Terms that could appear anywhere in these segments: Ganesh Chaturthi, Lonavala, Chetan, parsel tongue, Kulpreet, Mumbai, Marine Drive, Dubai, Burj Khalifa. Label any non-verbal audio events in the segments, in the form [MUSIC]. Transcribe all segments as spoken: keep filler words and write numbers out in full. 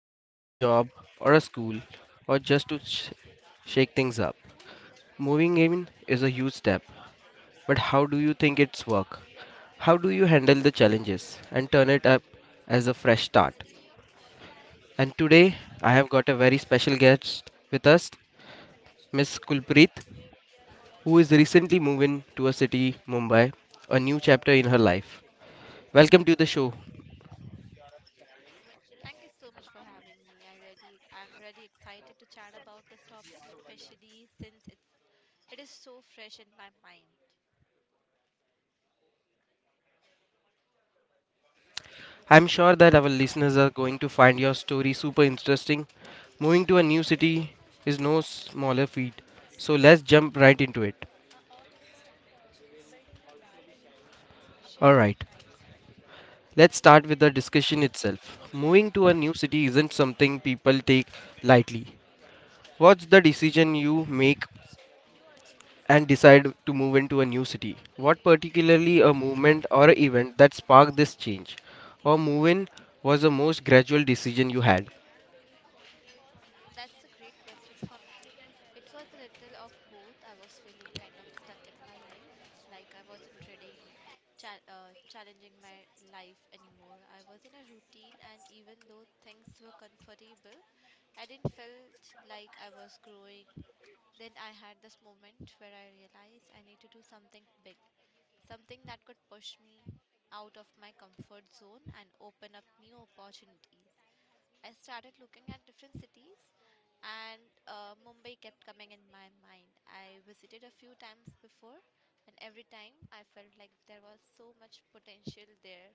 whether it's a job or a school or just to sh- shake things up. Moving in is a huge step, but how do you think it's work? How do you handle the challenges and turn it up as a fresh start? And today I have got a very special guest with us, Miss Kulpreet, who is recently moving to a city, Mumbai, a new chapter in her life. Welcome to the show. Thank you so much for having me. I really I'm really excited to chat about this topic, especially since it's it is so fresh in my mind. I'm sure that our listeners are going to find your story super interesting. Moving to a new city is no smaller feat, so let's jump right into it. Sure. Alright, let's start with the discussion itself. Moving to a new city isn't something people take lightly. What's the decision you make and decide to move into a new city? What particularly a movement or a event that sparked this change? Or move in was the most gradual decision you had? Mm, that's a great question for me. It was a little of both. I was feeling kind of stuck in my life, like I wasn't really cha- uh, challenging my life anymore. I was in a routine, and even though things were comfortable, I didn't felt like I was growing. Then I had this moment where I realized I need to do something big, something that could push me out of my comfort zone and open up new opportunities. I started looking at different cities, and uh, Mumbai kept coming in my mind. I visited a few times before, and every time I felt like there was so much potential there.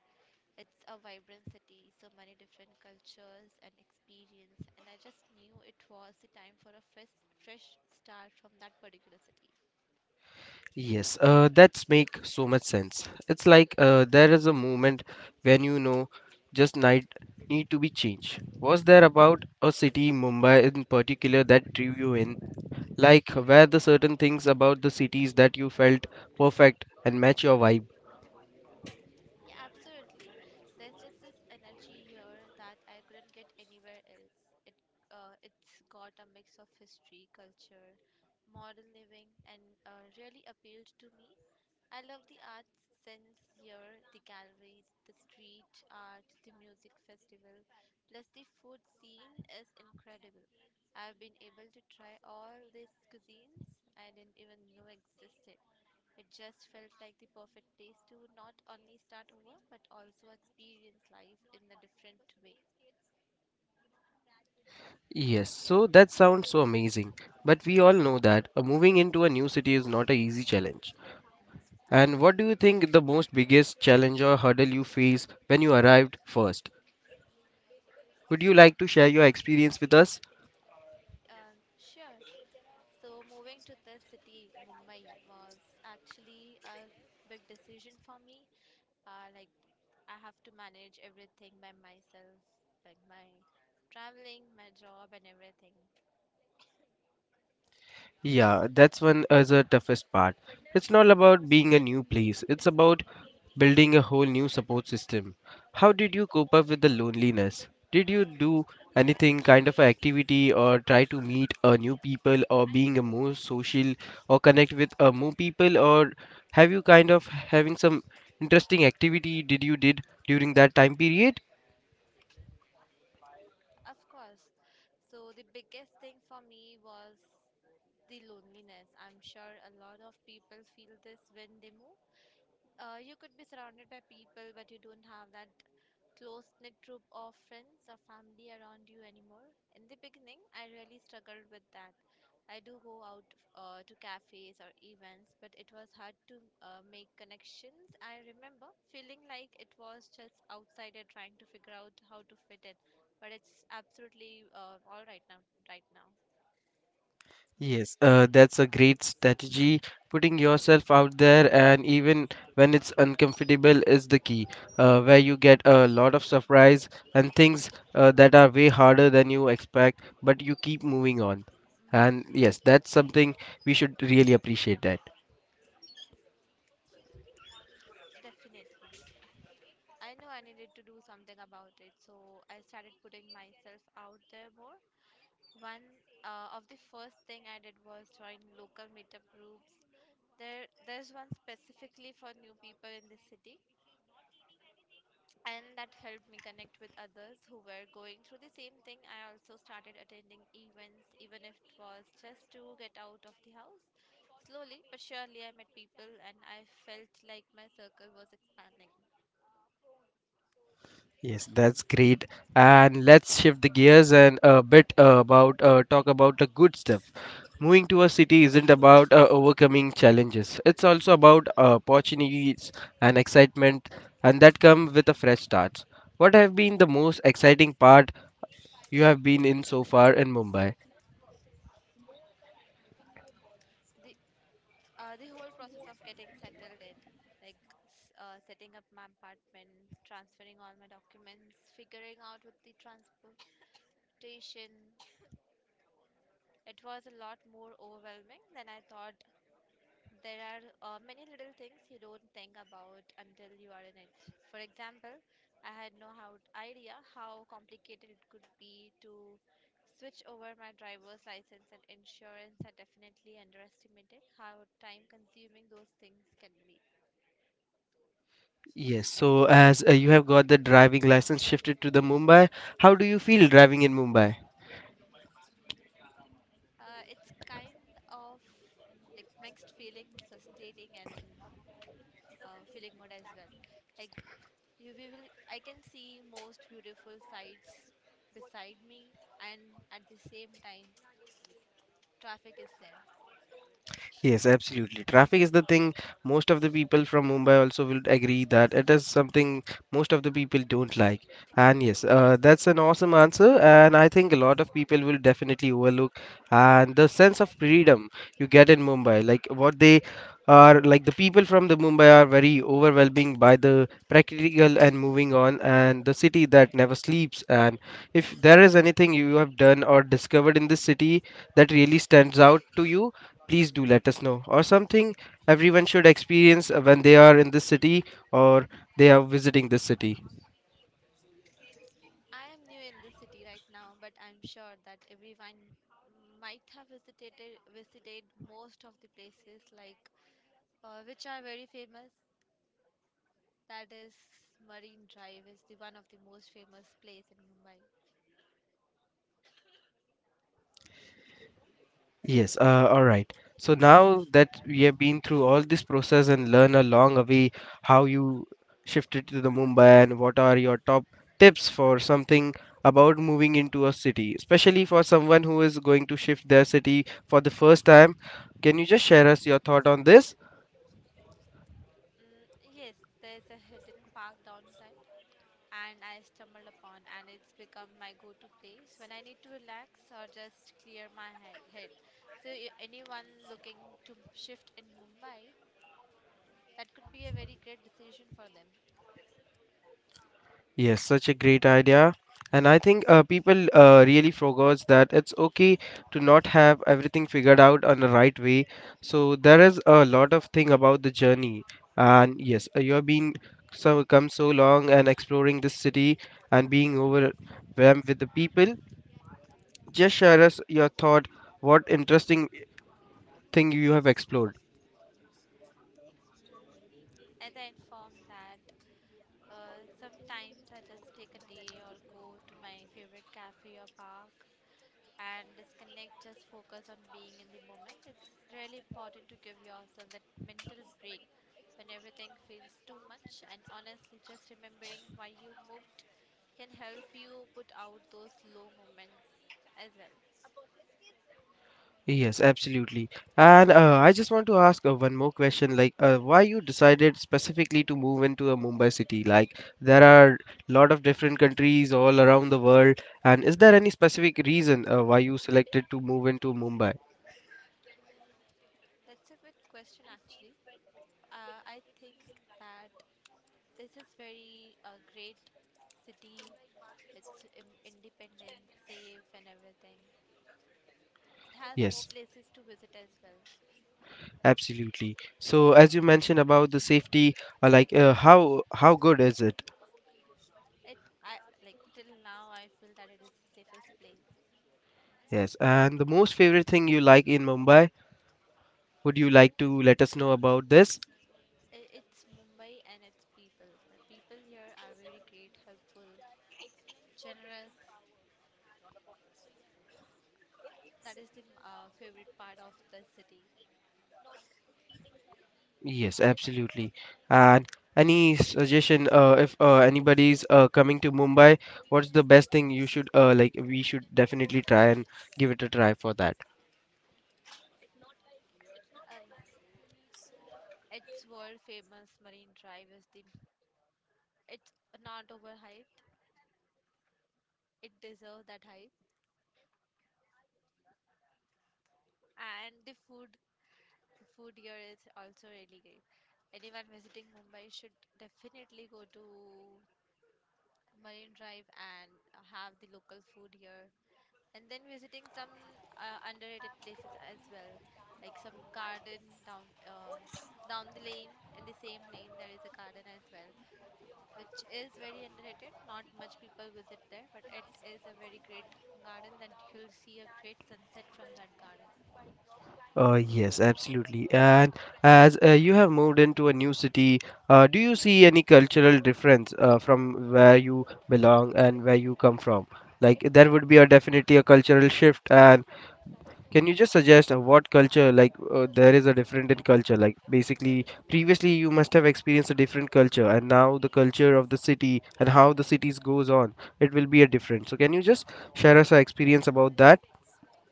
It's a vibrant city, so many different cultures and experience, and I just knew it was the time for a fresh, fresh start from that particular city. Yes, uh, that's make so much sense. It's like uh, there is a moment when you know just night need to be changed. Was there about a city, Mumbai in particular, that drew you in? Like were the certain things about the cities that you felt perfect and match your vibe? Yeah, absolutely. There's just this energy here that I couldn't get anywhere else. It uh, it's got a mix of history, culture, modern living, and uh, really appealed to me. I love the arts sense here, the galleries, the street art, the music festival, plus the food scene is incredible. I've been able to try all these cuisines I didn't even know existed. It just felt like the perfect place to not only start over but also experience life in a different way. Yes, so that sounds so amazing. But we all know that uh, moving into a new city is not an easy challenge. And what do you think the most biggest challenge or hurdle you face when you arrived first? Would you like to share your experience with us? Um, sure. So moving to this city, Mumbai, was actually a big decision for me. Uh, like I have to manage everything by myself, like my traveling, my job, and everything. Yeah, that's one as the toughest part. It's not about being a new place, it's about building a whole new support system. How did you cope up with the loneliness? Did you do anything kind of a activity or try to meet a new people or being a more social or connect with a more people or have you kind of having some interesting activity did you did during that time period? Of course. So the biggest thing for me was the loneliness. I'm sure a lot of people feel this when they move. Uh, you could be surrounded by people, but you don't have that close knit group of friends or family around you anymore. In the beginning, I really struggled with that. I do go out uh, to cafes or events, but it was hard to uh, make connections. I remember feeling like it was just outsider trying to figure out how to fit in, but it's absolutely uh, all right now. Right now, Yes, uh, that's a great strategy. Putting yourself out there, and even when it's uncomfortable, is the key. Uh, where you get a lot of surprise and things uh, that are way harder than you expect, but you keep moving on. And mm, yes, that's something we should really appreciate that. definitely. I knew I needed to do something about it, so I started putting myself out there more. One uh, Of the first thing I did was join local meetup groups. There, there's one specifically for new people in the city, and that helped me connect with others who were going through the same thing. I also started attending events, even if it was just to get out of the house. Slowly but surely, I met people, and I felt like my circle was expanding. Yes, that's great. And let's shift the gears and a bit uh, about uh, talk about the good stuff. Moving to a city isn't about uh, overcoming challenges. It's also about uh, opportunities and excitement, and that come with a fresh start. What have been the most exciting part you have been in so far in Mumbai? The Uh, the whole process of getting settled in, like s- uh, setting up my apartment, transferring all my documents, figuring out with the transportation, it was a lot more overwhelming than I thought. There are uh, many little things you don't think about until you are in it. For example, I had no how idea how complicated it could be to switch over my driver's license and insurance. I definitely underestimated how time consuming those things can be. Yes. So as uh, you have got the driving license shifted to the Mumbai, how do you feel driving in Mumbai? Uh, it's kind of like mixed feeling, frustrating and uh, feeling good as well. Like you we will, I can see most beautiful sights beside me, and at the same time, traffic is there. Yes, absolutely. Traffic is the thing. Most of the people from Mumbai also will agree that it is something most of the people don't like. And yes, uh, that's an awesome answer. And I think a lot of people will definitely overlook. And the sense of freedom you get in Mumbai, like what they are, like the people from the Mumbai are very overwhelming by the practical and moving on, and the city that never sleeps. And if there is Hmm. anything you have done or discovered in this city that really stands out to you, please do let us know, or something everyone should experience uh, when they are in this city or they are visiting this city. I am new in the city right now, but I'm sure that everyone might have visited visited most of the places like uh, which are very famous. That is Marine Drive is the one of the most famous place in Mumbai. Yes, uh, all right so now that we have been through all this process and learn along a way, how you shifted to the Mumbai, and what are your top tips for something about moving into a city, especially for someone who is going to shift their city for the first time? Can you just share us your thought on this? Mm, yes, there's a hidden park downtown, and I stumbled upon, and it's become my go-to place when I need to relax or just clear my he- head. So, i- anyone looking to shift in Mumbai, that could be a very great decision for them. Yes, such a great idea. And I think uh, people uh, really forgot that it's okay to not have everything figured out on the right way. So there is a lot of thing about the journey. And yes, uh, you have been so come so long and exploring this city and being overwhelmed with the people. Just share us your thought. What interesting thing you have explored? Mm. As I informed that uh, sometimes I just take a day or go to my favorite cafe or park and disconnect, just focus on being in the moment. It's really important to give yourself that mental break when everything feels too much. And honestly, just remembering why you moved can help you put out those low moments as well. Yes, absolutely. And uh, I just want to ask uh, one more question, like uh, why you decided specifically to move into a Mumbai city? Like there are lot of different countries all around the world, and is there any specific reason uh, why you selected to move into Mumbai? That's a good question, actually. Uh, I think that this is very uh, great city. It's im- independent, safe, and everything. It has more Yes, places to visit as well. absolutely. So as you mentioned about the safety, uh, like uh, how how good is it? It I like till now I feel that it is the safest place. Yes, and the most favorite thing you like in Mumbai? Would you like to let us know about this? I it's Mumbai and its people. The people here are very great, helpful, generous. That is the uh, favorite part of the city. Yes, absolutely. And any suggestion, uh, if uh, anybody's uh, coming to Mumbai, what's the best thing you should uh, like? We should definitely try and give it a try for that. And its world famous Marine Drive is the it's not overhyped. It deserves that hype. And the food the food here is also really great. Anyone visiting Mumbai should definitely go to Marine Drive and have the local food here and then visiting some uh, underrated places as well, like some garden down uh, down the lane, in the same lane there is a garden as well, which is very underrated, not much people visit there, but it is a very great garden that you'll see a great sunset from that garden. Uh, yes, absolutely. And as uh, you have moved into a new city, uh, do you see any cultural difference uh, from where you belong and where you come from? Like there would be a definitely a cultural shift, and can you just suggest uh, what culture, like uh, there is a different in culture? Like basically, previously you must have experienced a different culture, and now the culture of the city and how the cities goes on, it will be a different. So can you just share us our experience about that?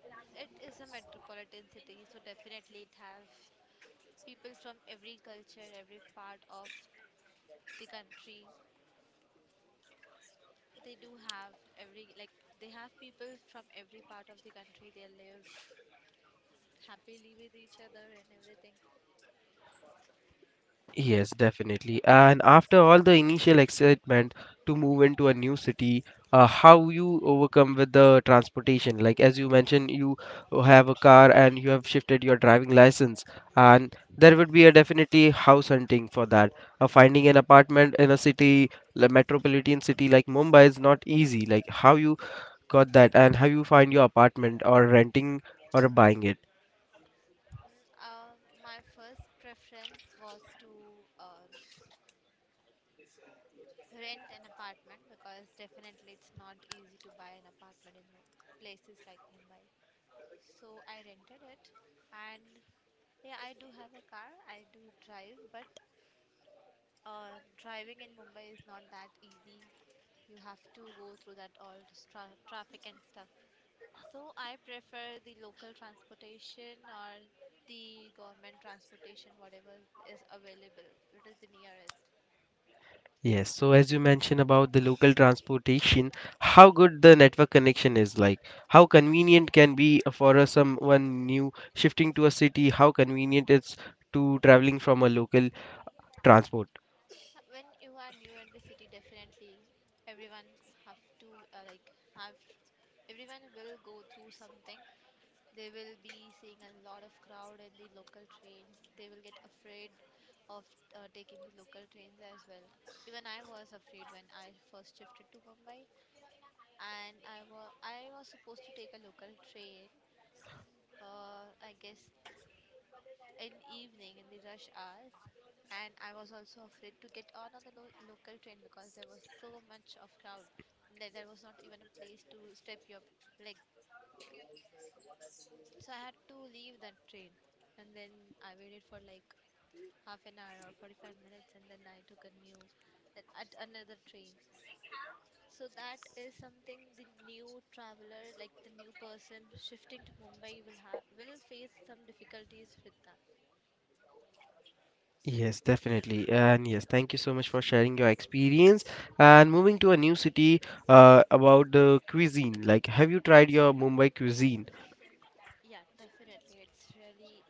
Mm, it is a metropolitan city, so definitely it have people from every culture, every part of the country. They do have every, like, they have people from every part of the country. They live happily with each other and everything. Yes, definitely. And after all the initial excitement to move into a new city, uh, how you overcome with the transportation? Like as you mentioned, you have a car and you have shifted your driving license, and there would be a definitely house hunting for that. Uh, finding an apartment in a city, a metropolitan city like Mumbai is not easy. Like how you got that, and how you find your apartment or renting or buying it. Uh, my first preference was to uh, rent an apartment because definitely it's not easy to buy an apartment in Mu- places like Mumbai. So I rented it, and yeah, I do have a car. I do drive, but uh, driving in Mumbai is not that easy. You have to go through that all this tra- traffic and stuff. So I prefer the local transportation or the government transportation, whatever is available, what is the nearest. Yes, so as you mentioned about the local transportation, how good the network connection is, like how convenient can be for a someone new shifting to a city, how convenient it's to traveling from a local transport. When you are new in the city, definitely everyone have to uh, like have everyone will go through something. They will be seeing a lot of crowd in the local trains. They will get afraid of uh, taking the local trains as well. Even I was afraid when I first shifted to Mumbai. And I was I was supposed to take a local train, uh, I guess in evening in the rush hours, and I was also afraid to get on on the lo- local train because there was so much of crowd and that there was not even a place to step your leg. So I had to leave that train, and then I waited for like half an hour or forty-five minutes, and then I took a new that at another train. So that is something the new traveler, like the new person shifting to Mumbai, will have will face some difficulties with that. Yes, definitely. And yes, thank you so much for sharing your experience. And moving to a new city, uh, about the cuisine, like have you tried your Mumbai cuisine? Yeah, definitely, it's really,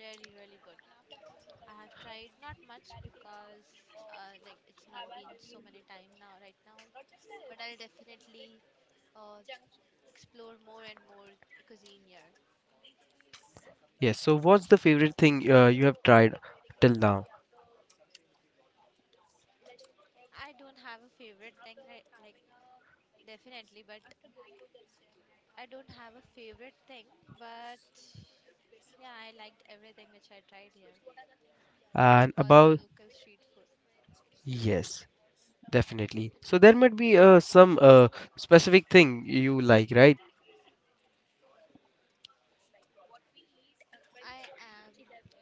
really, really good. I have tried not much because uh, like it's not been so many time now right now, but I'll definitely uh, explore more and more cuisine here. Yes, so what's the favorite thing uh, you have tried till now? I don't have a favorite thing right like definitely, but I don't have a favorite thing, but yeah, I liked everything which I tried here, like And all the about, local street food. yes. Definitely. So there might be uh, some uh, specific thing you like, right? I am,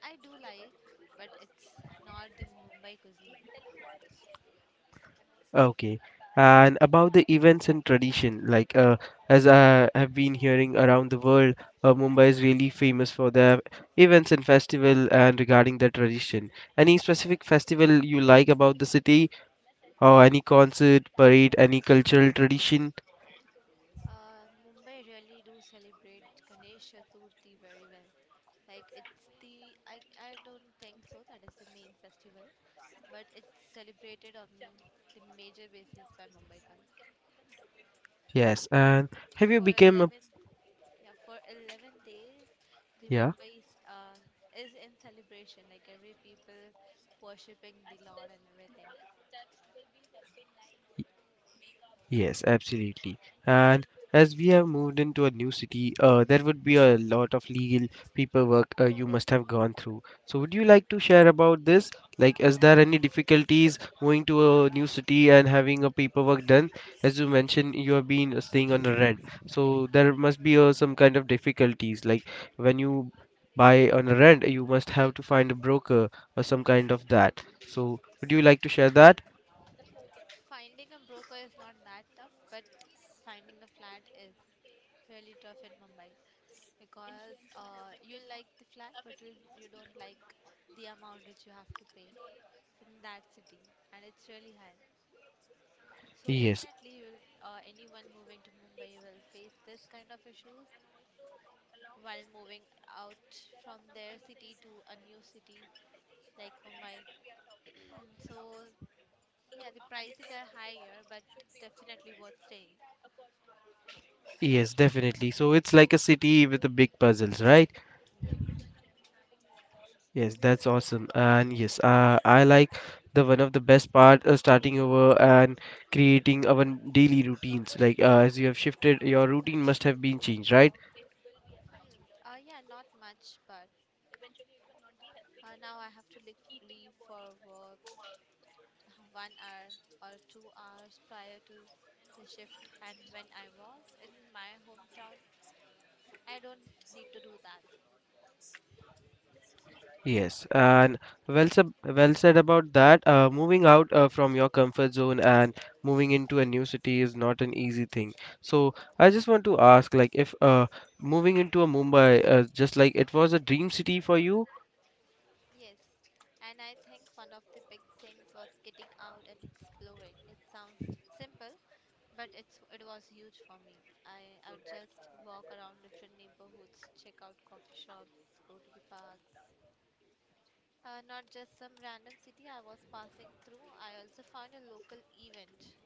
I do like, but it's not the Mumbai cuisine. Okay. And about the events and tradition, like uh, as I have been hearing around the world, uh, Mumbai is really famous for the events and festival and regarding the tradition. Any specific festival you like about the city, or any concert, parade, any cultural tradition? Uh, Mumbai really do celebrate Ganesh Chaturthi very well. Like it's the, I, I don't think so, that is the main festival, but it's celebrated on the major basis by Mumbaikars. Yes. And have you For become a 11 Yeah, for eleven days, the yeah? Mumbai is, uh, is in celebration, like every people worshipping the Lord and everything. Yes, absolutely. And as we have moved into a new city, uh, there would be a lot of legal paperwork uh, you must have gone through. So, would you like to share about this? Like, is there any difficulties moving to a new city and having a paperwork done? As you mentioned, you have been uh, staying on a rent, so there must be uh, some kind of difficulties. Like when you buy on a rent, you must have to find a broker or some kind of that. So, would you like to share that? Finding a broker is not that tough, but finding a flat is really tough in Mumbai because uh, you like the flat, but you, you don't like the amount which you have to pay in that city, and it's really high. So Yes. definitely, you will, uh, anyone moving to Mumbai will face this kind of issues while moving out from their city to a new city like Mumbai. [CLEARS THROAT] So yeah, the prices are higher, but definitely worth staying. Yes, definitely. So it's like a city with the big puzzles, right? Yes. Yes, that's awesome. And yes, uh, I like the one of the best part uh, starting over and creating our daily routines. Like uh, as you have shifted, your routine must have been changed, right? Hmm. Uh, yeah, not much, but uh, now I have to leave, leave for work [LAUGHS] one hour or two hours prior to the shift. And when I was in my hometown, I don't need to do that. Yes, and well said, well said about that. Uh, moving out uh, from your comfort zone and moving into a new city is not an easy thing. So I just want to ask, like, if uh, moving into a Mumbai, uh, just like it was a dream city for you. Yes, and I think one of the big things was getting out and exploring. It sounds simple, but it's it was huge for me. I I would just walk around different neighborhoods, check out coffee shops, go to the parks. Uh, not just some random city I was passing through. I also found a local event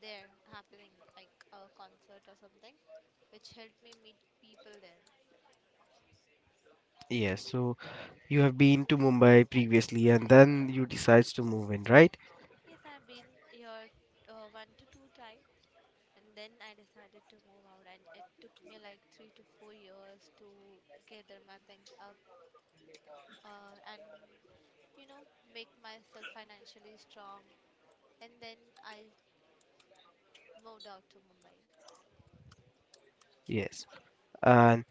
there happening, like a concert or something, which helped me meet people there. Yes, so you have been to Mumbai previously and then you decides to move in, right? Yes, I've been here uh, one to two times, and then I decided to move out, and it took me like three to four years to gather my things up uh, and, you know, make myself financially strong. And then I moved out to Mumbai. Yes. And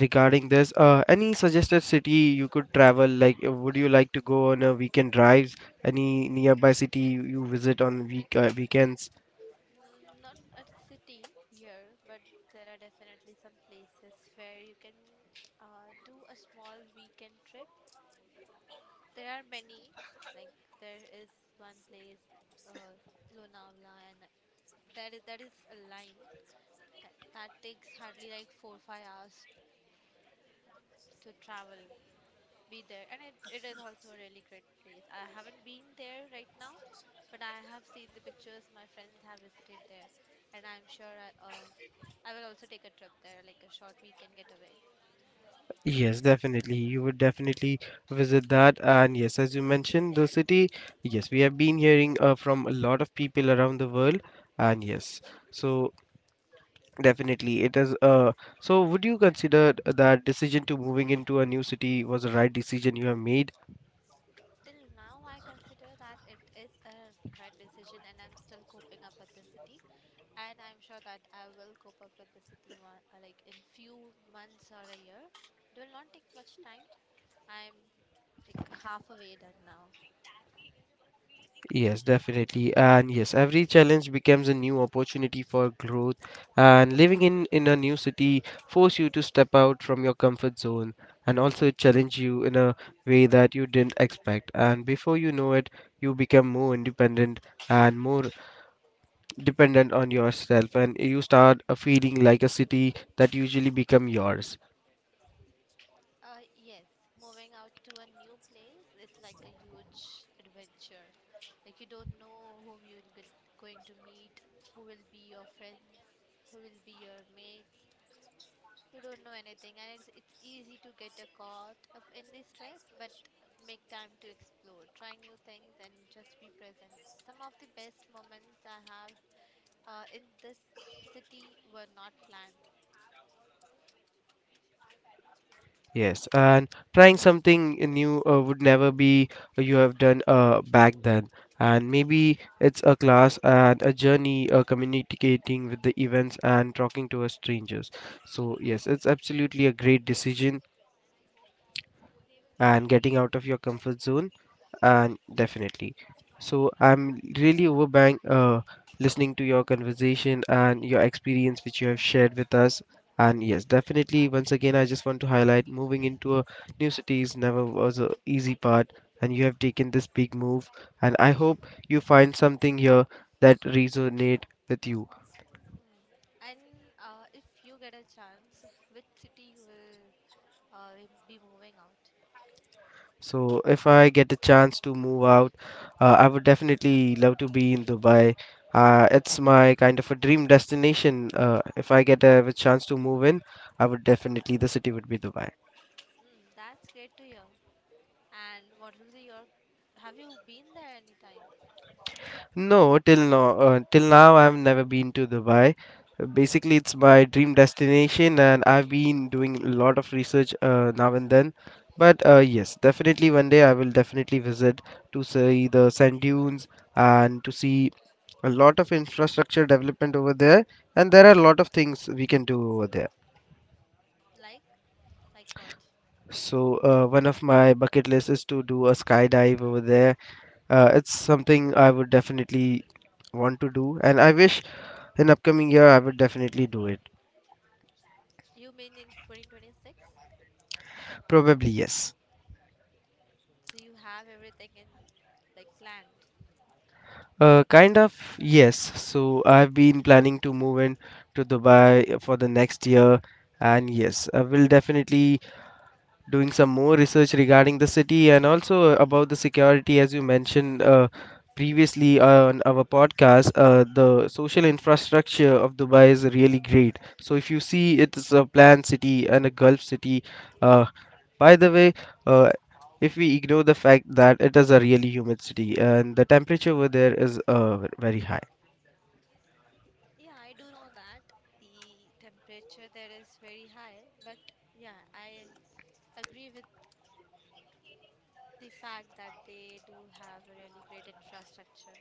regarding this, uh, any suggested city you could travel? Like, uh, would you like to go on a weekend drives? Any nearby city you you visit on week uh, weekends? Mm, not a city here, but there are definitely some places where you can uh, do a small weekend trip. There are many, like, there is one place, uh, Lonavala, and that is, that is a line That, that takes hardly like four five hours to travel, be there, and it, it is also a really great place. I haven't been there right now, but I have seen the pictures. My friends have visited there, and I'm sure I, uh, I will also take a trip there, like a short weekend getaway. Yes, definitely. You would definitely visit that. And yes, as you mentioned, the city. Yes, we have been hearing uh, from a lot of people around the world. And yes, so definitely, it is. Uh, so, would you consider that decision to moving into a new city was the right decision you have made? Till now, I consider that it is a right decision, and I'm still coping up with the city. And I'm sure that I will cope up with the city one, uh, like in few months or a year. It will not take much time. I'm like halfway done now. Yes, definitely. And yes, every challenge becomes a new opportunity for growth. And living in in a new city force you to step out from your comfort zone, and also it challenge you in a way that you didn't expect. And before you know it, you become more independent and more dependent on yourself, and you start uh, feeling like a city that usually become yours. Uh, yes, moving out to a new place is like a huge adventure. Like you don't know whom you're g- going to meet, who will be your friends, who will be your mates. You don't know anything, and it's it's easy to get uh, caught up in the stress, but make time to explore, try new things, and just be present. Some of the best moments I have uh, in this city were not planned. Yes, and trying something new uh, would never be uh, you have done uh, back then. And maybe it's a class and a journey, uh, communicating with the events and talking to a strangers. So yes, it's absolutely a great decision and getting out of your comfort zone and definitely. So I'm really overbang uh, listening to your conversation and your experience which you have shared with us. And yes, definitely. Once again, I just want to highlight moving into a new city is never was a easy part, and you have taken this big move. And I hope you find something here that resonate with you. Hmm. And uh, if you get a chance, which city you will uh, will be moving out? So if I get a chance to move out, uh, I would definitely love to be in Dubai. Uh, it's my kind of a dream destination. Uh, if I get a, a chance to move in, I would definitely the city would be Dubai. Mm, that's great to hear. And what will be your? Have you been there anytime? No, till now, uh, till now I've never been to Dubai. Uh, Basically, it's my dream destination, and I've been doing a lot of research uh, now and then. But uh, yes, definitely one day I will definitely visit to see the sand dunes and to see Mm, a lot of infrastructure development over there, and there are a lot of things we can do over there. like, like what? So uh, one of my bucket lists is to do a skydive over there. Uh, it's something I would definitely want to do, and I wish in upcoming year I would definitely do it. You mean in twenty twenty-six? Probably yes. So you have everything in like planned. Uh, kind of, yes. So I've been planning to move in to Dubai for the next year, and yes, I will definitely doing some more research regarding the city and also about the security, as you mentioned uh, previously on our podcast. Uh, the social infrastructure of Dubai is really great. So, if you see, it's a planned city and a Gulf city. Uh, by the way, uh, if we ignore the fact that it is a really humid city and the temperature over there is uh, very high. Yeah, I do know that the temperature there is very high, but yeah, I agree with the fact that they do have a really great infrastructure.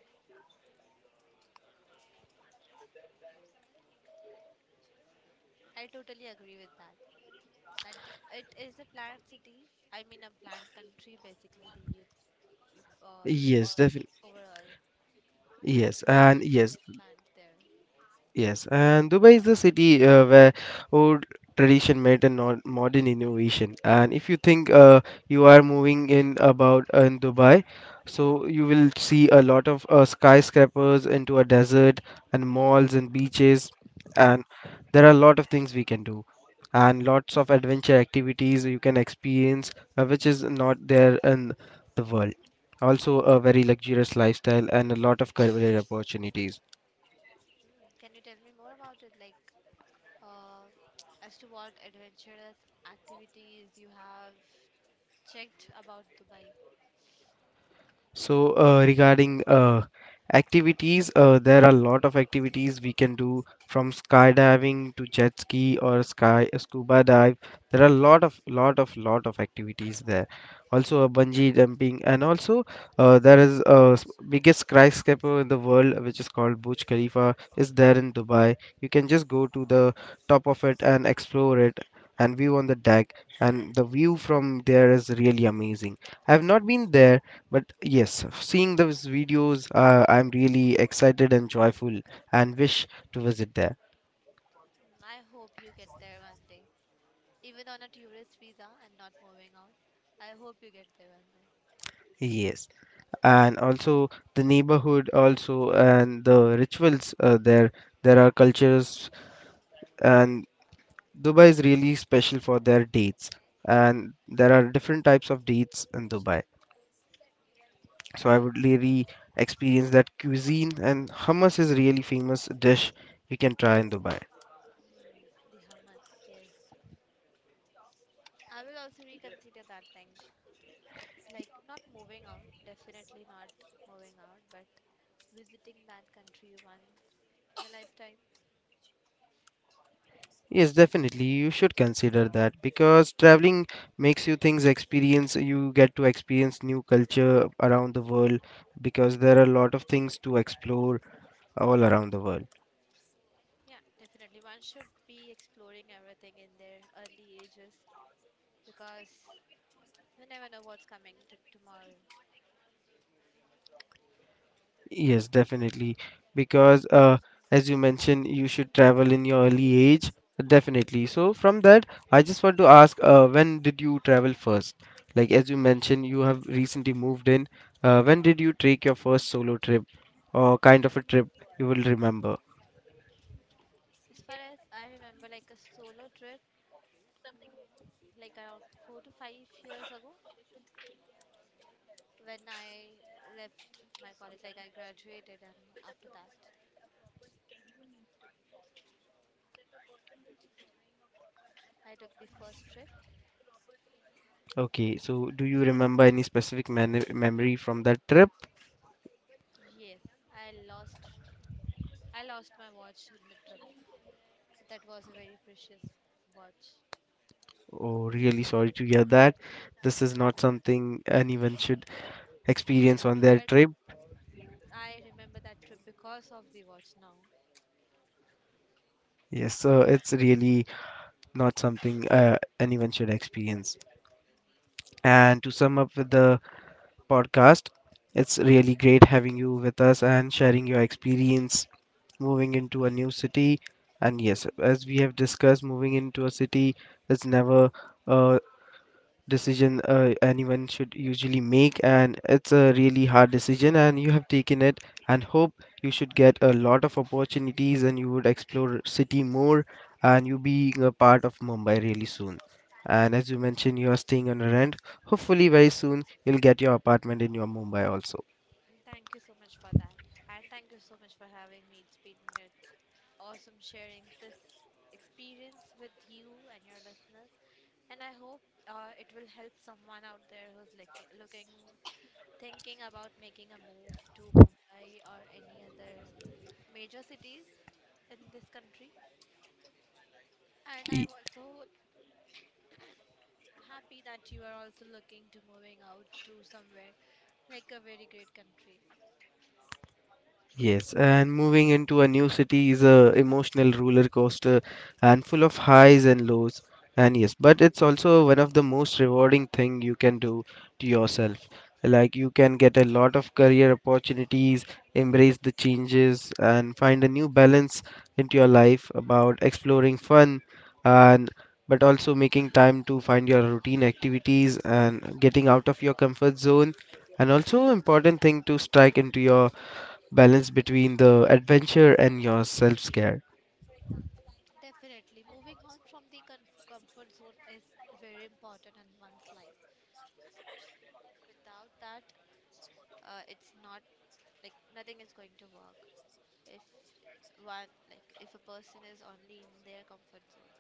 I totally agree with that. That it is a planned city. I mean, a planned country, basically. The U- U- uh, the Yes, or definitely. overall, they Yes, have and yes, everything planned there. yes, and Dubai is the city uh, where old tradition met and nor- modern innovation. And if you think uh, you are moving in about uh, in Dubai, so you will see a lot of uh, skyscrapers into a desert and malls and beaches, and there are a lot of things we can do and lots of adventure activities you can experience, uh, which is not there in the world. Also, a very luxurious lifestyle and a lot of career opportunities. Mm. Can you tell me more about it? Like, uh, as to what adventurous activities you have checked about Dubai? So, uh, regarding uh, activities, uh, there are a lot of activities we can do from skydiving to jet ski or sky uh, scuba dive. There are a lot of lot of lot of activities there. Also, a bungee jumping, and also uh, there is a s- biggest skyscraper in the world, which is called Burj Khalifa, is there in Dubai. You can just go to the top of it and explore it and view on the deck, and the view from there is really amazing. I have not been there, but yes, seeing those videos, uh, I'm really excited and joyful and wish to visit there. Mm, I hope you get there one day, even on a tourist visa and not moving out. I hope you get there one day. Yes, and also the neighborhood, also and the rituals uh, there. There are cultures, and Dubai is really special for their dates, and there are different types of dates in Dubai. So I Uh, would really experience that cuisine, and hummus is really famous dish we can try in Dubai. mm, the hummus, yes. I will also reconsider that thing. Like not moving out, definitely not moving out, but visiting that country once in a lifetime. Yes, definitely. You should consider that because traveling makes you things experience. You get to experience new culture around the world because there are a lot of things to explore all around the world. Yeah, definitely. One should be exploring everything in their early ages because you never know what's coming to tomorrow. Yes, definitely. Because uh, as you mentioned, you should travel in your early age. Definitely. So from that, I just want to ask, uh, when did you travel first? Like as you mentioned, you have recently moved in. Uh, when did you take your first solo trip or kind of a trip you will remember? As far as I remember, like a solo trip, mm, like around four to five years ago, when I left my college, like I graduated, and after that, I took the first trip. Okay, so do you remember any specific man memory from that trip? Yes, I lost I lost my watch in the trip. That was a very precious watch. Oh, really sorry to hear that. This is not something anyone should experience on Yeah, their but trip. I remember that trip because of the watch now. Yes, so it's really not something uh, anyone should experience. Definitely. And to sum up with the podcast, it's really great having you with us and sharing your experience moving into a new city. And yes, as we have discussed, moving into a city is never uh, decision uh, anyone should usually make, and it's a really hard decision and you have taken it, and hope you should get a lot of opportunities, and you would explore city more, and you being a part of Mumbai really soon. And as you mentioned, you are staying on a rent. Hopefully very soon you'll get your apartment in your Mumbai also. Thank you so much for that. And thank you so much for having me. It's been like, awesome sharing this experience with you and your listeners. And I hope uh, it will help someone out there who's like looking, thinking about making a move to Mumbai or any other major cities in this country. And I'm also happy that you are also looking to moving out to somewhere like a very great country. Yes, and moving into a new city is a emotional roller coaster and full of highs and lows. And yes, but it's also one of the most rewarding thing you can do to yourself. Like you can get a lot of career opportunities, embrace the changes, and find a new balance into your life about exploring fun and but also making time to find your routine activities and getting out of your comfort zone. And also important thing to strike into your balance between the adventure and your self-care. Definitely, moving out from the comf- comfort zone is very important in one's life. Without that, uh, it's not like nothing is going to work. If one like if a person is only in their comfort zone.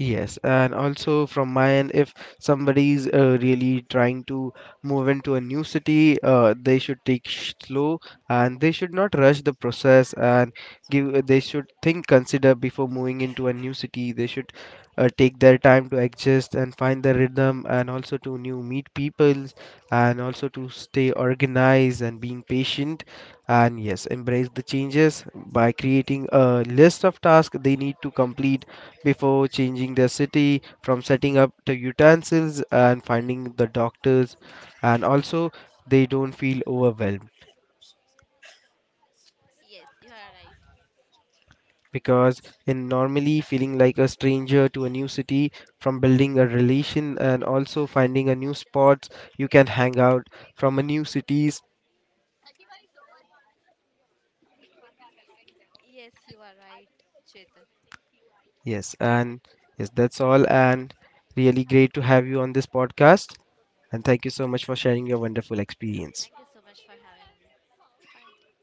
Yes, and also from my end, if somebody's uh, really trying to move into a new city, uh, they should take sh- slow and they should not rush the process and give. They should think, consider before moving into a new city. They should uh, take their time to adjust and find the rhythm, and also to new meet people, and also to stay organized and being patient. And yes, embrace the changes by creating a list of tasks they need to complete before changing their city, from setting up the utensils and finding the doctors, and also they don't feel overwhelmed Yes, you are right. because in normally feeling like a stranger to a new city, from building a relation and also finding a new spots you can hang out from a new cities. Yes, you are right, Chetan. Yes, and yes, that's all, and really great to have you on this podcast, and thank you so much for sharing your wonderful experience. Thank you so much for having me. Bye.